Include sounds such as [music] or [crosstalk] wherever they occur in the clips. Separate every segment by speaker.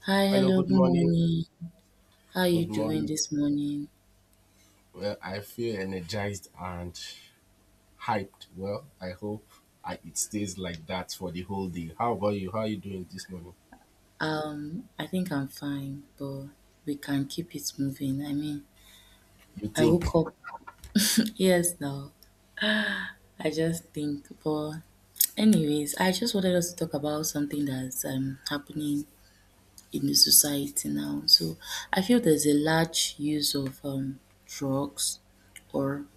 Speaker 1: Hi,
Speaker 2: Hello,
Speaker 1: hello,
Speaker 2: good
Speaker 1: good
Speaker 2: morning.
Speaker 1: morning. How are you
Speaker 2: Good
Speaker 1: doing
Speaker 2: morning.
Speaker 1: this morning?
Speaker 2: Well, I feel energized and hyped. Well, I hope it stays like that for the whole day. How about you? How are you doing this morning?
Speaker 1: I think I'm fine, but we can keep it moving. I mean,
Speaker 2: You
Speaker 1: I
Speaker 2: think?
Speaker 1: woke up, yes, now I just think, but anyways, I just wanted us to talk about something that's happening in the society now. So I feel there's a large use of drugs or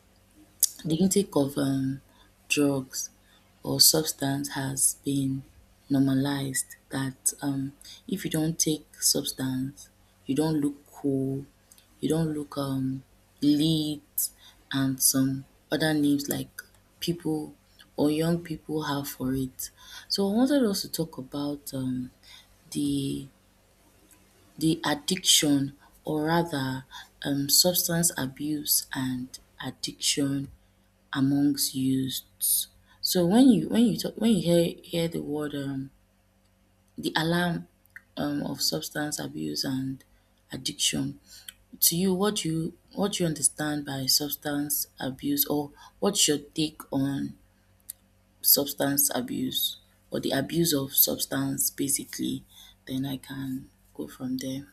Speaker 1: the intake of drugs or substance has been normalized that if you don't take substance, you don't look cool, you don't look lit, and some other names like people or young people have for it. So I wanted us to talk about the the addiction or rather substance abuse and addiction amongst youths. So when you hear the word the alarm of substance abuse and addiction, to you what do you understand by substance abuse, or what's your take on substance abuse or the abuse of substance basically, then I can go from there.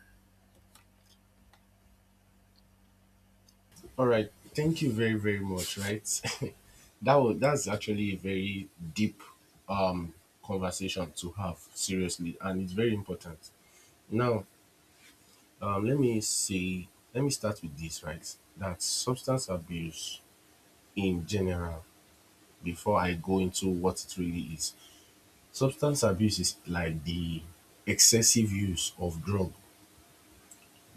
Speaker 2: All right. Thank you very, very much. Right. [laughs] That's actually a very deep um conversation to have seriously, and it's very important. Now, let me let me start with this. Right, that substance abuse in general, before I go into what it really is. Substance abuse is like the excessive use of drug,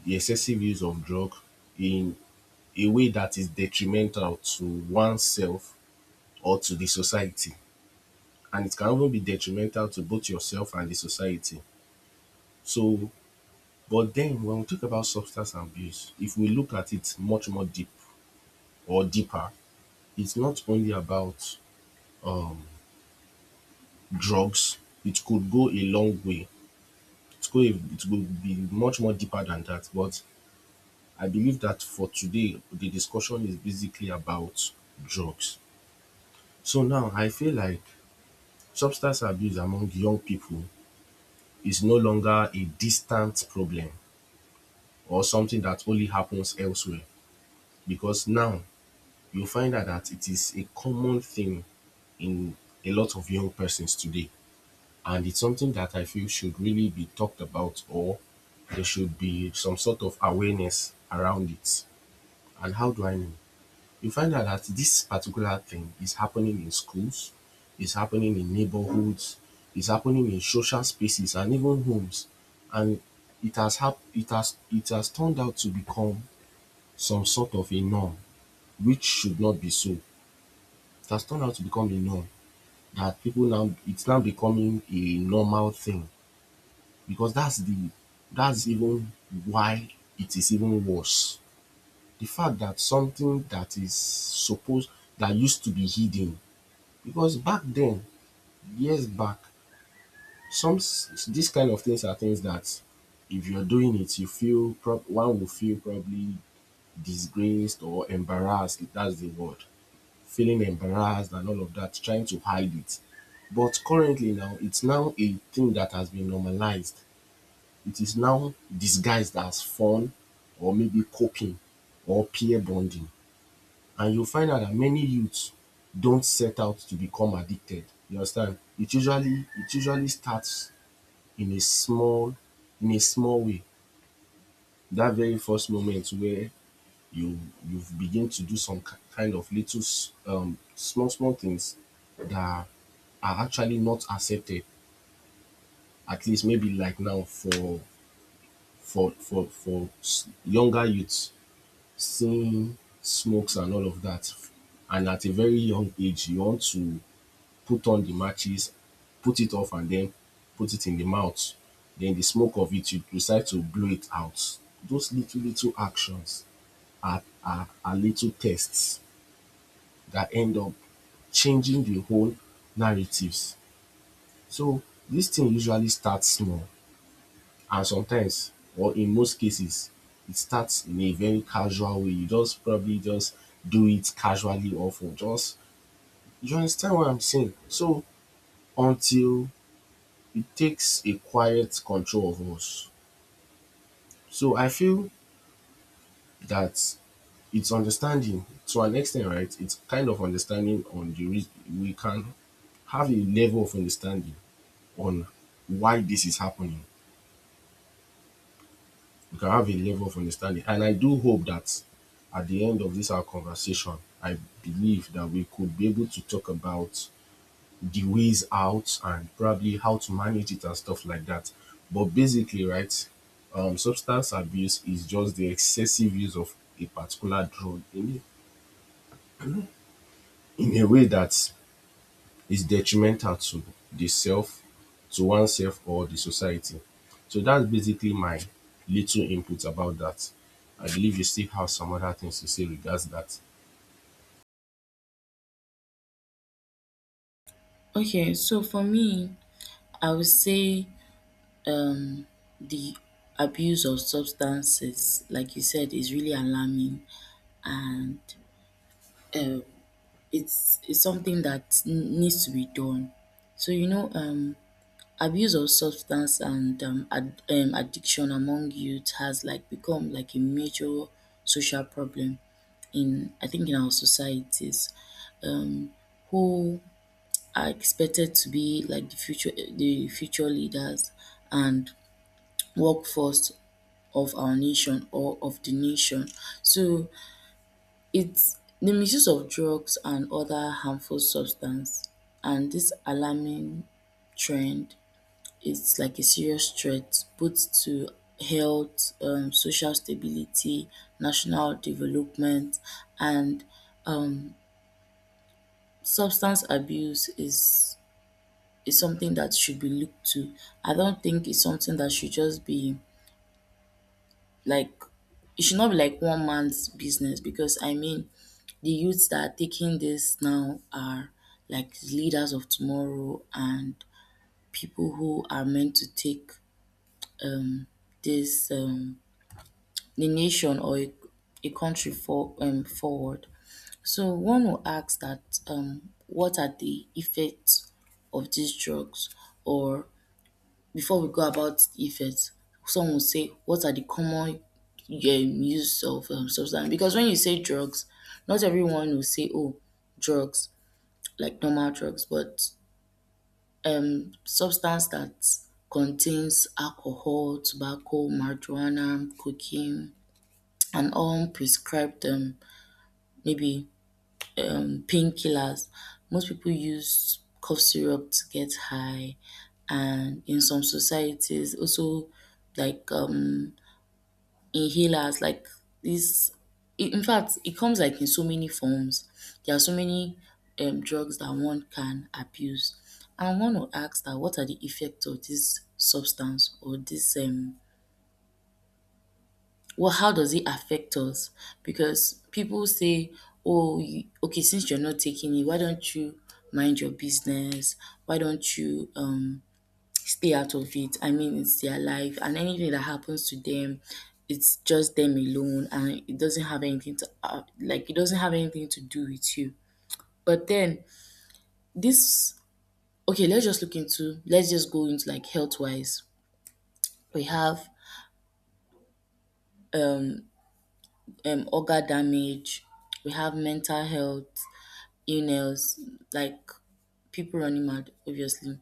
Speaker 2: the excessive use of drug in a way that is detrimental to oneself or to the society. And it can even be detrimental to both yourself and the society. So, but then when we talk about substance abuse, if we look at it much more deep or deeper, it's not only about um, drugs, it could go a long way. It's going it will be much more deeper than that, but I believe that for today the discussion is basically about drugs. So now I feel like substance abuse among young people is no longer a distant problem or something that only happens elsewhere, because now you find out that it is a common thing in a lot of young persons today, and it's something that I feel should really be talked about, or there should be some sort of awareness around it. And how do I know? You find out that this particular thing is happening in schools, is happening in neighborhoods, is happening in social spaces and even homes. And it has turned out to become some sort of a norm, which should not be so. It has turned out to become a norm that people now it's now becoming a normal thing, because that's the that's even why it is even worse. The fact that something that is supposed, that used to be hidden, because back then, years back, this kind of things are things that if you're doing it you feel one will feel probably disgraced or embarrassed, if that's the word, feeling embarrassed and all of that, trying to hide it, but currently now it's now a thing that has been normalized. It is now disguised as fun, or maybe coping, or peer bonding. And you find out that many youths don't set out to become addicted. You understand? It usually starts in a small, in a small way. That very first moment where you you begin to do some kind of little small things that are actually not accepted, at least maybe like now for younger youths, seeing smokes and all of that, and at a very young age you want to put on the matches, put it off, and then put it in the mouth. Then the smoke of it, you decide to blow it out. Those little, little actions are little tests that end up changing the whole narratives. So this thing usually starts small, and sometimes, or in most cases, it starts in a very casual way. You just probably just do it casually, or for just, you understand what I'm saying? So until it takes a quiet control of us. So I feel that it's understanding to an extent, right? It's kind of understanding on the reason we can have a level of understanding on why this is happening. We can have a level of understanding. And I do hope that at the end of this our conversation, I believe that we could be able to talk about the ways out and probably how to manage it and stuff like that. But basically, right, substance abuse is just the excessive use of a particular drug in a way that is detrimental to the self, to oneself, or the society. So that's basically my little input about that. I believe you still have some other things to say regards that.
Speaker 1: Okay, so for me, I would say um, the abuse of substances, like you said, is really alarming, and uh, it's something that needs to be done. So you know, abuse of substance and addiction among youth has like become like a major social problem in, I think, in our societies. Um, who are expected to be like the future leaders and workforce of our nation or of the nation. So it's the misuse of drugs and other harmful substance, and this alarming trend is like a serious threat both to health, social stability, national development, and um, substance abuse is something that should be looked to. I don't think it's something that should just be like, it should not be like one man's business, because I mean the youths that are taking this now are like leaders of tomorrow and people who are meant to take um this the nation or a country for forward. So one will ask that what are the effects of these drugs, or before we go about the effects, some will say what are the common use of substance, because when you say drugs, not everyone will say, oh, drugs like normal drugs, but substance that contains alcohol, tobacco, marijuana, cocaine, and all prescribed maybe painkillers. Most people use cough syrup to get high, and in some societies also like inhalers like this. In fact, it comes like in so many forms. There are so many drugs that one can abuse. And one will ask that what are the effects of this substance, or this well, how does it affect us? Because people say, oh, you, okay, since you're not taking it, why don't you mind your business? Why don't you stay out of it. I mean, it's their life, and anything that happens to them, it's just them alone, and it doesn't have anything to like, it doesn't have anything to do with you. But then this, okay, let's just look into, let's just go into like health wise. We have um, organ damage. We have mental health illness, like people running mad, obviously.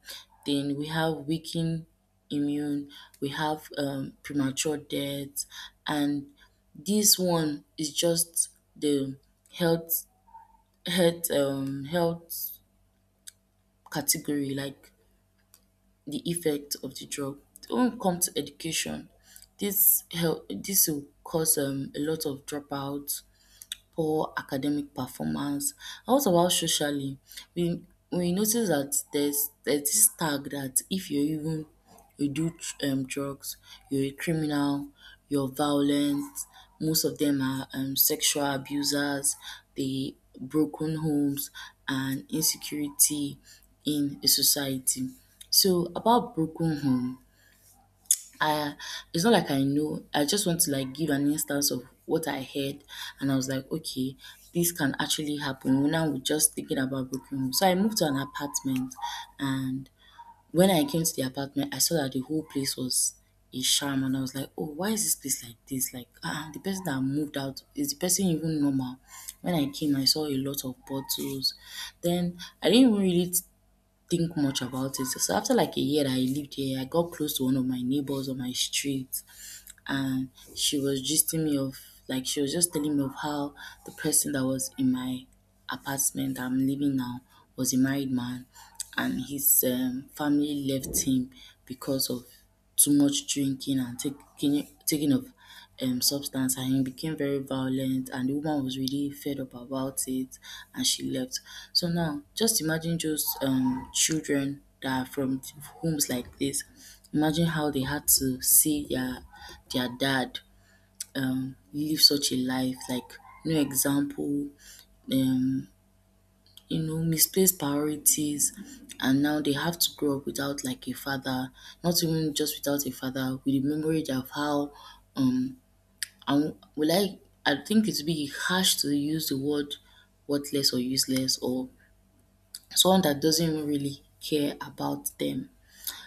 Speaker 1: Then we have weakened immune, we have premature death, and this one is just the health, health category, like the effect of the drug. When we come to education, this will cause a lot of dropouts, poor academic performance. And what about socially? We we notice that there's this tag that if you even you do drugs, you're a criminal, you're violent. Most of them are sexual abusers. The broken homes and insecurity in a society. So about broken home, I, it's not like I know, I just want to like give an instance of what I heard, and I was like, okay, this can actually happen. When I was just thinking about broken home, so I moved to an apartment, and when I came to the apartment, I saw that the whole place was a sham, and I was like, oh, why is this place like this? Like, ah, the person that moved out, is the person even normal? When I came, I saw a lot of bottles. Then I didn't even really think much about it. So after like a year that I lived here, I got close to one of my neighbors on my street, and she was gisting me of, like, she was just telling me of how the person that was in my apartment that I'm living now was a married man, and his family left him because of too much drinking and taking of substance, and he became very violent and the woman was really fed up about it and she left. So now just imagine just children that are from homes like this. Imagine how they had to see their dad live such a life, like no example, um, you know, misplaced priorities. And now they have to grow up without like a father, not even just without a father, with the memory of how um I will I think it'd be harsh to use the word worthless or useless or someone that doesn't even really care about them.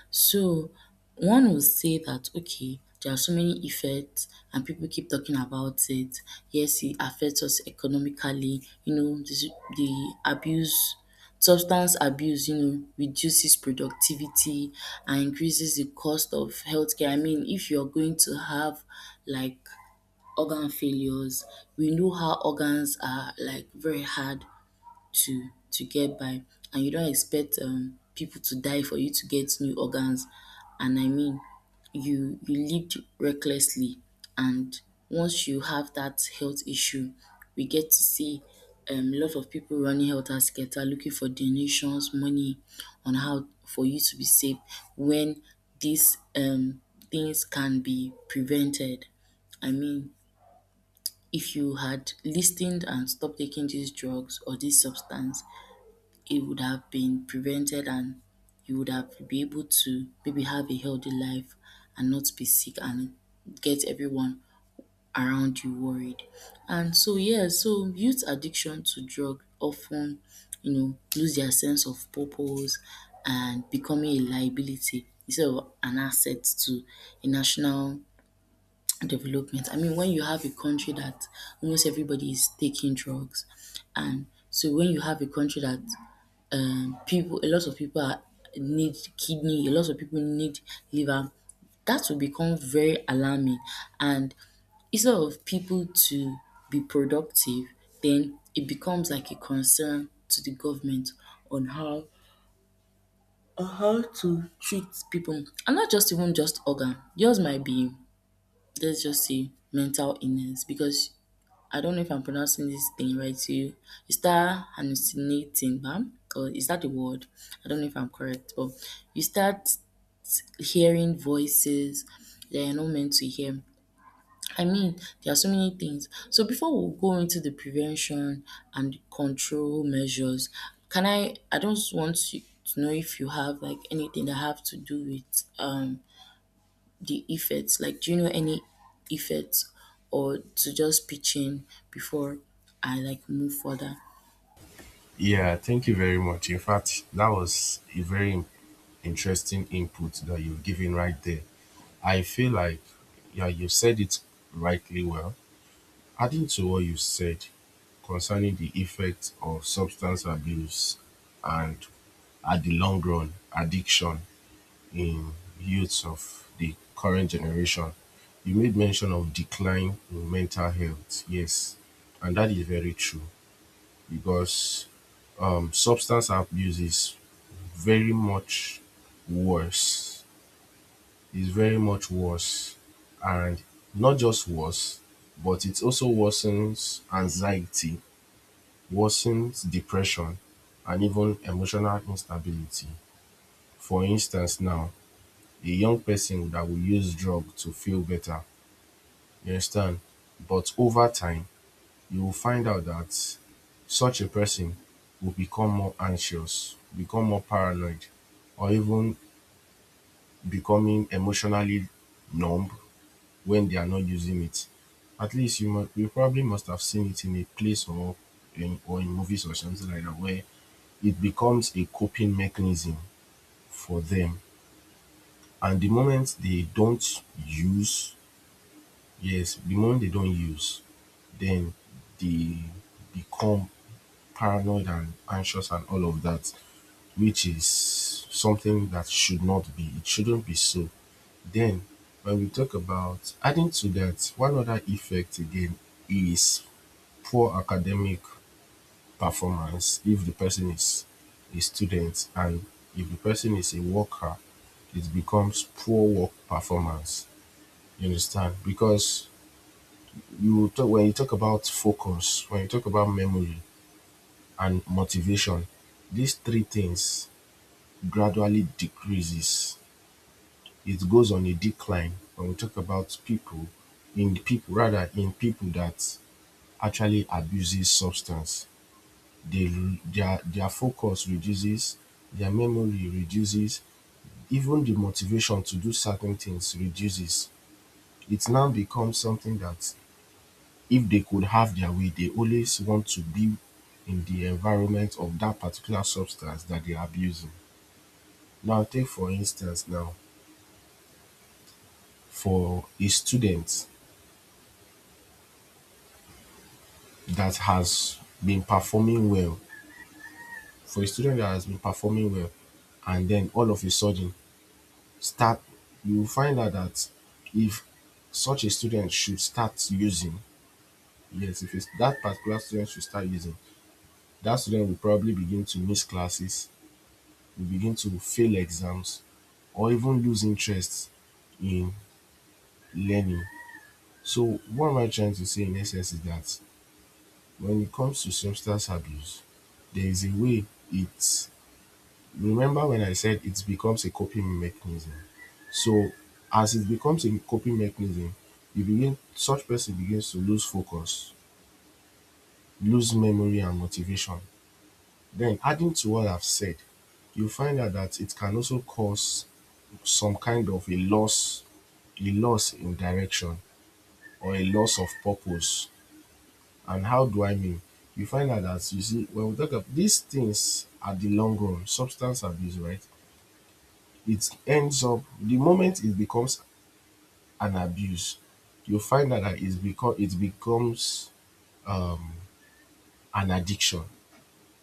Speaker 1: So one would say that, okay, there are so many effects and people keep talking about it. Yes, it affects us economically, you know, the abuse, substance abuse, you know, reduces productivity and increases the cost of healthcare. I mean, if you're going to have like organ failures, we know how organs are like very hard to get by, and you don't expect people to die for you to get new organs, and I mean you lived recklessly, and once you have that health issue, we get to see a lot of people running helter skelter looking for donations money on how for you to be saved, when these things can be prevented. I mean, if you had listened and stopped taking these drugs or this substance, it would have been prevented, and you would have be able to maybe have a healthy life and not be sick and get everyone around you worried. And so yeah, so youth addiction to drug often, you know, lose their sense of purpose and becoming a liability instead of an asset to a national development. I mean, when you have a country that almost everybody is taking drugs, and so when you have a country that people a lot of people are need kidney, a lot of people need liver. That will become very alarming, and instead of people to be productive, then it becomes like a concern to the government on how on how to treat people, and not just even just organ. Yours might be, let's just say, mental illness, because I don't know if I'm pronouncing this thing right. You start hallucinating, ma'am, or is that the word? I don't know if I'm correct, but you start hearing voices that you're not meant to hear. I mean, there are so many things. So before we go into the prevention and control measures, can I? I don't want you, to know if you have like anything that have to do with the effects? Like, do you know any effects or to just pitch in before I like move further?
Speaker 2: Yeah, thank you very much. In fact, that was a very interesting input that you've given right there. I feel like, yeah, you said it rightly well. Adding to what you said concerning the effect of substance abuse and at the long run, addiction in youths of the current generation, you made mention of decline in mental health. Yes, and that is very true because substance abuse is very much worse, is very much worse. And not just worse, but it also worsens anxiety, worsens depression, and even emotional instability. For instance, now, a young person that will use drug to feel better, you understand? But over time, you will find out that such a person will become more anxious, become more paranoid, or even becoming emotionally numb when they are not using it. At least you probably must have seen it in a place or in movies or something like that where it becomes a coping mechanism for them. And the moment they don't use, yes, the moment they don't use, then they become paranoid and anxious and all of that, which is something that should not be. It shouldn't be so. Then when we talk about adding to that, one other effect again is poor academic performance if the person is a student, and if the person is a worker, it becomes poor work performance. You understand? Because you talk about focus, when you talk about memory and motivation, these three things gradually decreases. It goes on a decline when we talk about people, rather in people that actually abuses substance. They their focus reduces, their memory reduces, even the motivation to do certain things reduces. It now becomes something that if they could have their way they always want to be in the environment of that particular substance that they are abusing. Now take for instance now, for a student that has been performing well, for a student that has been performing well, and then all of a sudden start you will find out that if such a student should start using, yes, if it's that particular student should start using, that student will probably begin to miss classes, will begin to fail exams, or even lose interest in learning. So what am I trying to say in essence is that when it comes to substance abuse there is a way it remember when I said it becomes a coping mechanism. So as it becomes a coping mechanism, you begin such person begins to lose focus, lose memory and motivation. Then adding to what I've said, you find out that it can also cause some kind of a loss in direction or a loss of purpose. And how do I mean? You find out that you see when we talk about these things at the long run, substance abuse, right? It ends up the moment it becomes an abuse, you find out that it's because it becomes um, an addiction.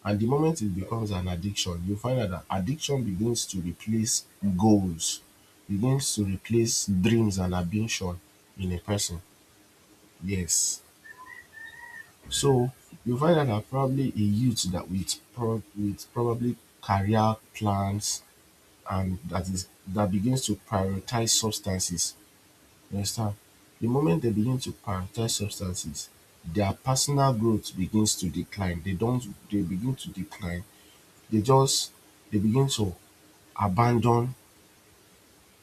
Speaker 2: And the moment it becomes an addiction, you find out that addiction begins to replace goals, begins to replace dreams and ambition in a person. Yes. So you find out that probably a youth that with probably career plans, and that is that begins to prioritize substances. You understand? The moment they begin to prioritize substances, their personal growth begins to decline. They don't they begin to decline. They just they begin to abandon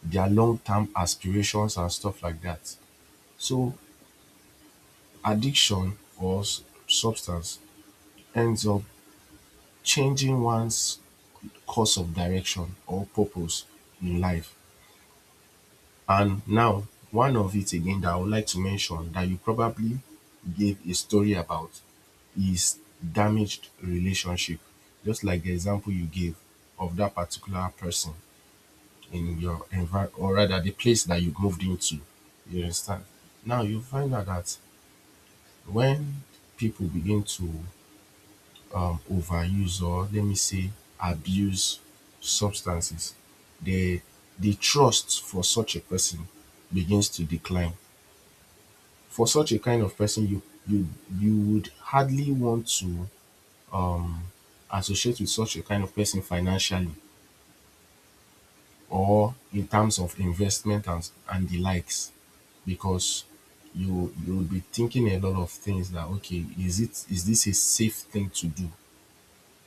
Speaker 2: their long-term aspirations and stuff like that. So addiction or substance ends up changing one's course of direction or purpose in life. And now, one of it again that I would like to mention that you probably gave a story about is damaged relationship, just like the example you gave of that particular person in your environment, or rather the place that you moved into, you understand. Now you find out that when people begin to overuse, or let me say abuse substances, the the trust for such a person begins to decline. For such a kind of person, you you would hardly want to associate with such a kind of person financially or in terms of investment and the likes, because you'll be thinking a lot of things that okay, is this a safe thing to do?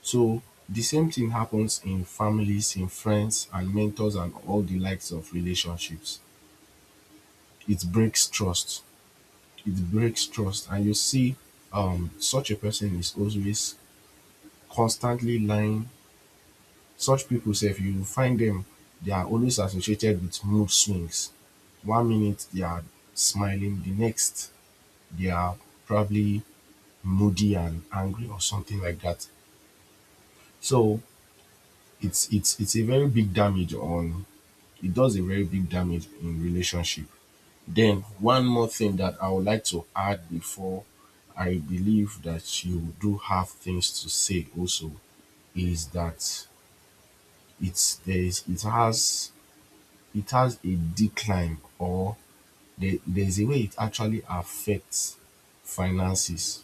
Speaker 2: So the same thing happens in families, in friends and mentors and all the likes of relationships. It breaks trust, it breaks trust. And you see, such a person is always constantly lying. Such pipu, if you find them, they are always associated with mood swings. One minute they are smiling, the next they are probably moody and angry or something like that. So it's a very big damage on, it does a very big damage in relationship. Then one more thing that I would like to add before I believe that you do have things to say also is that it's there is it has a decline, or there's a way it actually affects finances.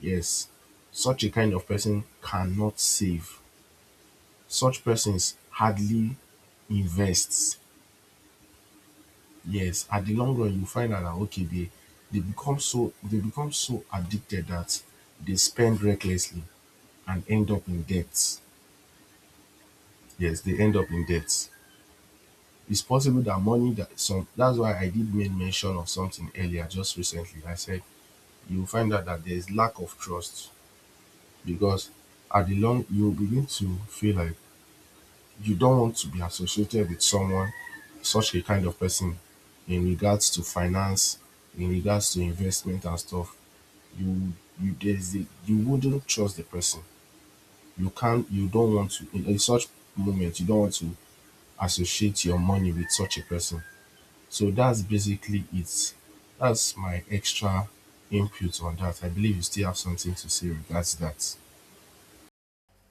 Speaker 2: Yes, such a kind of person cannot save. Such persons hardly invests. Yes, at the long run, you find out that okay, they become so, they become so addicted that they spend recklessly and end up in debts. Yes, they end up in debts. It's possible that money that some that's why I did make mention of something earlier, just recently. I said you find out that there's lack of trust, because at the long you begin to feel like you don't want to be associated with someone, such a kind of person, in regards to finance, in regards to investment and stuff. you you wouldn't trust the person, you don't want to in such moment you don't want to associate your money with such a person. So that's basically it, that's my extra input on that. I believe you still have something to say regards that.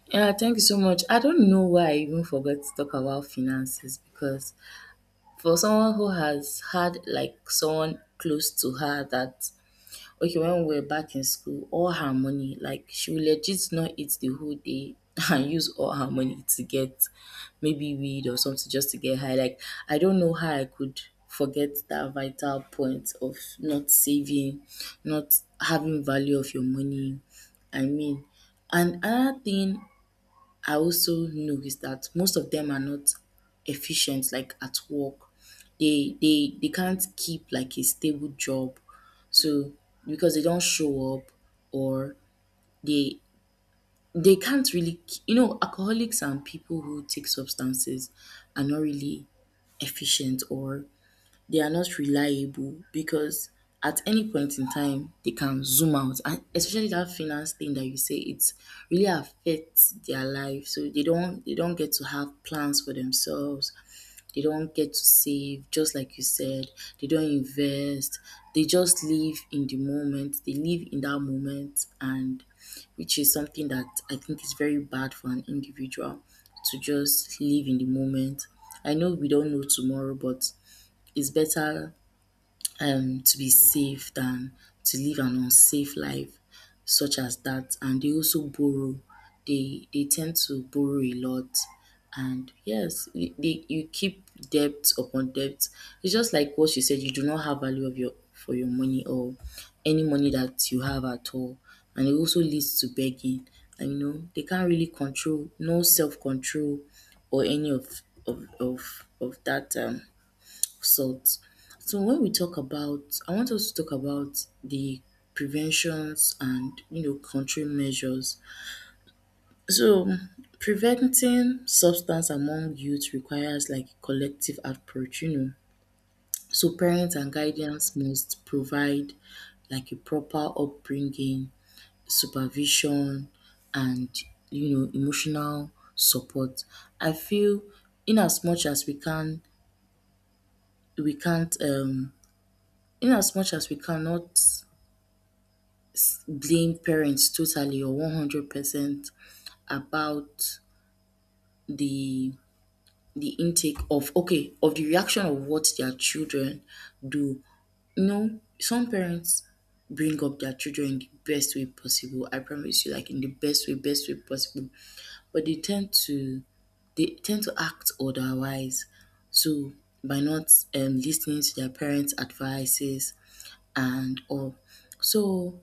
Speaker 1: Yeah, thank you so much. I don't know why I even forgot to talk about finances, because for someone who has had like someone close to her that, okay, when we were back in school, all her money, like she will legit not eat the whole day [laughs] and use all her money to get maybe weed or something just to get high. Like, I don't know how I could forget that vital point of not saving, not having value of your money. I mean, and another thing I also know is that most of them are not efficient like at work. They can't keep like a stable job. So because they don't show up, or they they can't really, you know, alcoholics and people who take substances are not really efficient, or they are not reliable because at any point in time they can zoom out. And especially that finance thing that you say, it really affects their life. So they don't get to have plans for themselves, they don't get to save, just like you said, they don't invest, they just live in the moment, they live in that moment, and which is something that I think is very bad for an individual to just live in the moment. I know we don't know tomorrow, but it's better to be safe than to live an unsafe life such as that. And they also borrow, they tend to borrow a lot. And yes, you keep debt upon debt. It's just like what you said, you do not have value of your for your money or any money that you have at all. And it also leads to begging. And you know they can't really control, no self-control or any of that salt. So when we talk about, I want us to talk about the preventions and you know control measures. So preventing substance among youth requires like a collective approach, you know. So parents and guardians must provide like a proper upbringing, supervision, and you know emotional support. I feel in as much as we can, we can't in as much as we cannot blame parents totally or 100% about the the intake of okay of the reaction of what their children do. You know, some parents bring up their children in the best way possible, I promise you, like in the best way possible, but they tend to act otherwise. So by not listening to their parents advices and all. So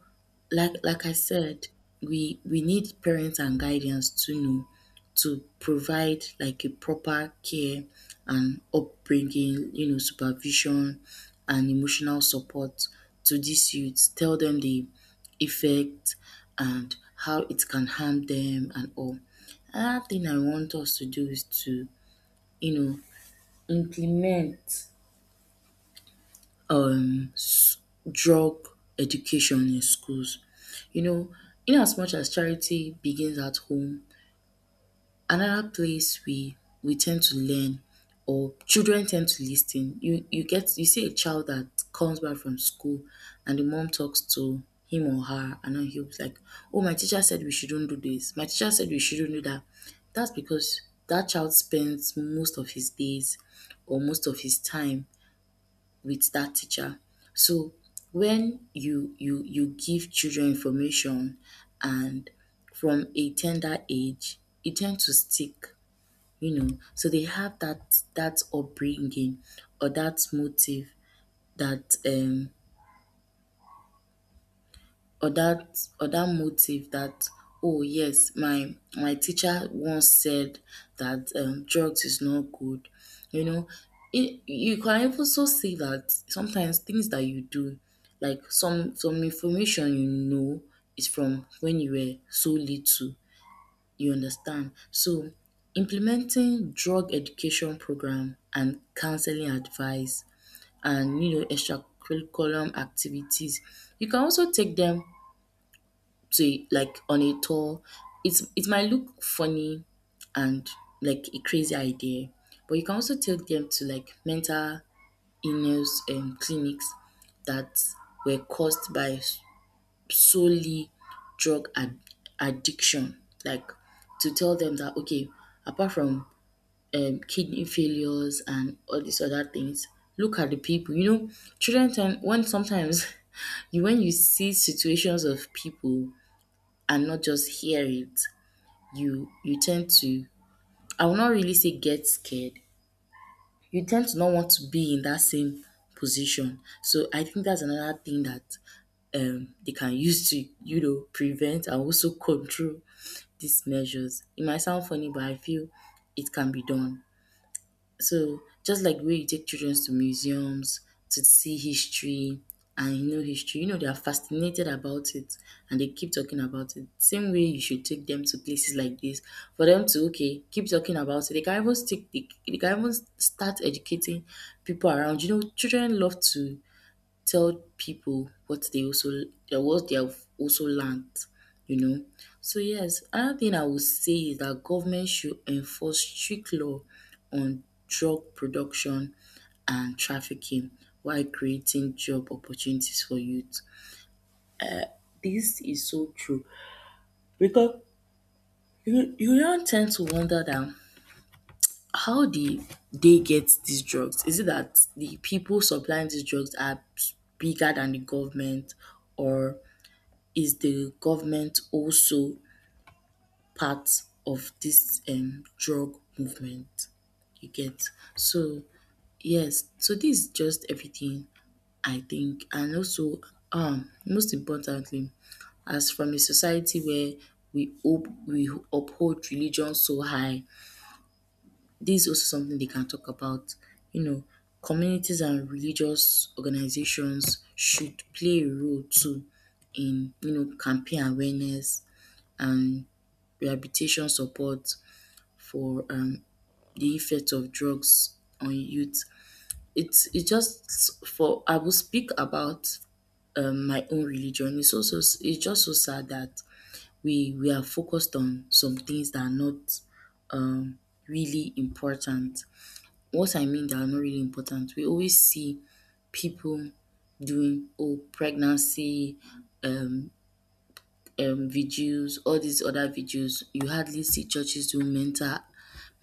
Speaker 1: like I said, we need parents and guidance to know, to provide like a proper care and upbringing, you know, supervision and emotional support to these youths. Tell them the effect and how it can harm them and all. Another thing I want us to do is to, you know, implement um s- drug education in schools. You know, in as much as charity begins at home, another place we tend to learn or children tend to listen. You get you see a child that comes back from school and the mom talks to him or her and then he'll be like, "Oh, my teacher said we shouldn't do this, my teacher said we shouldn't do that." That's because that child spends most of his days or most of his time with that teacher. So when you give children information and from a tender age, it tends to stick, you know. So they have that upbringing or that motive that or that motive that oh yes my teacher once said that drugs is not good, you know. It, you can also see that sometimes things that you do like some information, you know, is from when you were so little, you understand. So implementing drug education program and counseling advice and you know extracurriculum activities, you can also take them to like on a tour. It might look funny and like a crazy idea, but you can also take them to like mental illness clinics that were caused by solely drug addiction. Like to tell them that okay, apart from kidney failures and all these other things, look at the people. You know, children tend when sometimes [laughs] you when you see situations of people and not just hear it, you tend to, I will not really say get scared. You tend to not want to be in that same position. So I think that's another thing that they can use to, you know, prevent and also control these measures. It might sound funny, but I feel it can be done. So just like the way you take children to museums to see history, and you know history, you know they are fascinated about it and they keep talking about it. Same way you should take them to places like this for them to okay keep talking about it. They can even stick. They can even start educating people around. You know, children love to tell people what they also what they have also learnt, you know. So yes, another thing I would say is that government should enforce strict law on drug production and trafficking while creating job opportunities for youth. This is so true because you don't tend to wonder that how did they get these drugs? Is it that the people supplying these drugs are bigger than the government, or is the government also part of this drug movement? You get? So yes, so this is just everything I think. And also most importantly, as from a society where we hope we uphold religion so high, this is also something they can talk about. You know, communities and religious organizations should play a role too in, you know, campaign awareness and rehabilitation support for the effect of drugs on youth. It's it just for, I will speak about my own religion. It's also, it's just so sad that we are focused on some things that are not um, really important. What I mean that are not really important, we always see people doing oh pregnancy um videos, all these other videos. You hardly see churches doing mental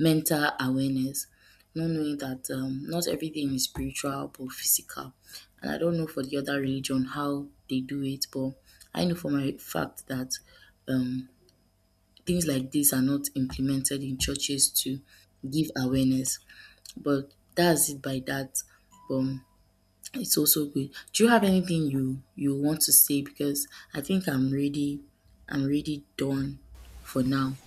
Speaker 1: mental awareness, not knowing that not everything is spiritual but physical. And I don't know for the other religion how they do it, but I know for my fact that um, things like this are not implemented in churches to give awareness. But that's it by that. Um, it's also good. Do you have anything you want to say? Because I think I'm ready. I'm really done for now.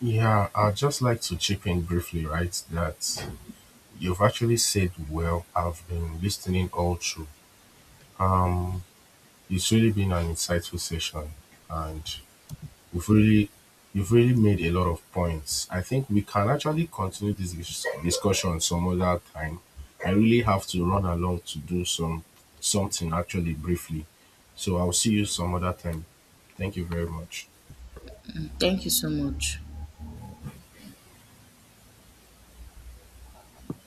Speaker 2: Yeah, I'd just like to chip in briefly, right? That you've actually said well. I've been listening all through. Um, it's really been an insightful session, and you've really, you've really made a lot of points. I think we can actually continue this discussion some other time. I really have to run along to do something actually briefly, so I'll see you some other time. Thank you very much.
Speaker 1: Thank you so much.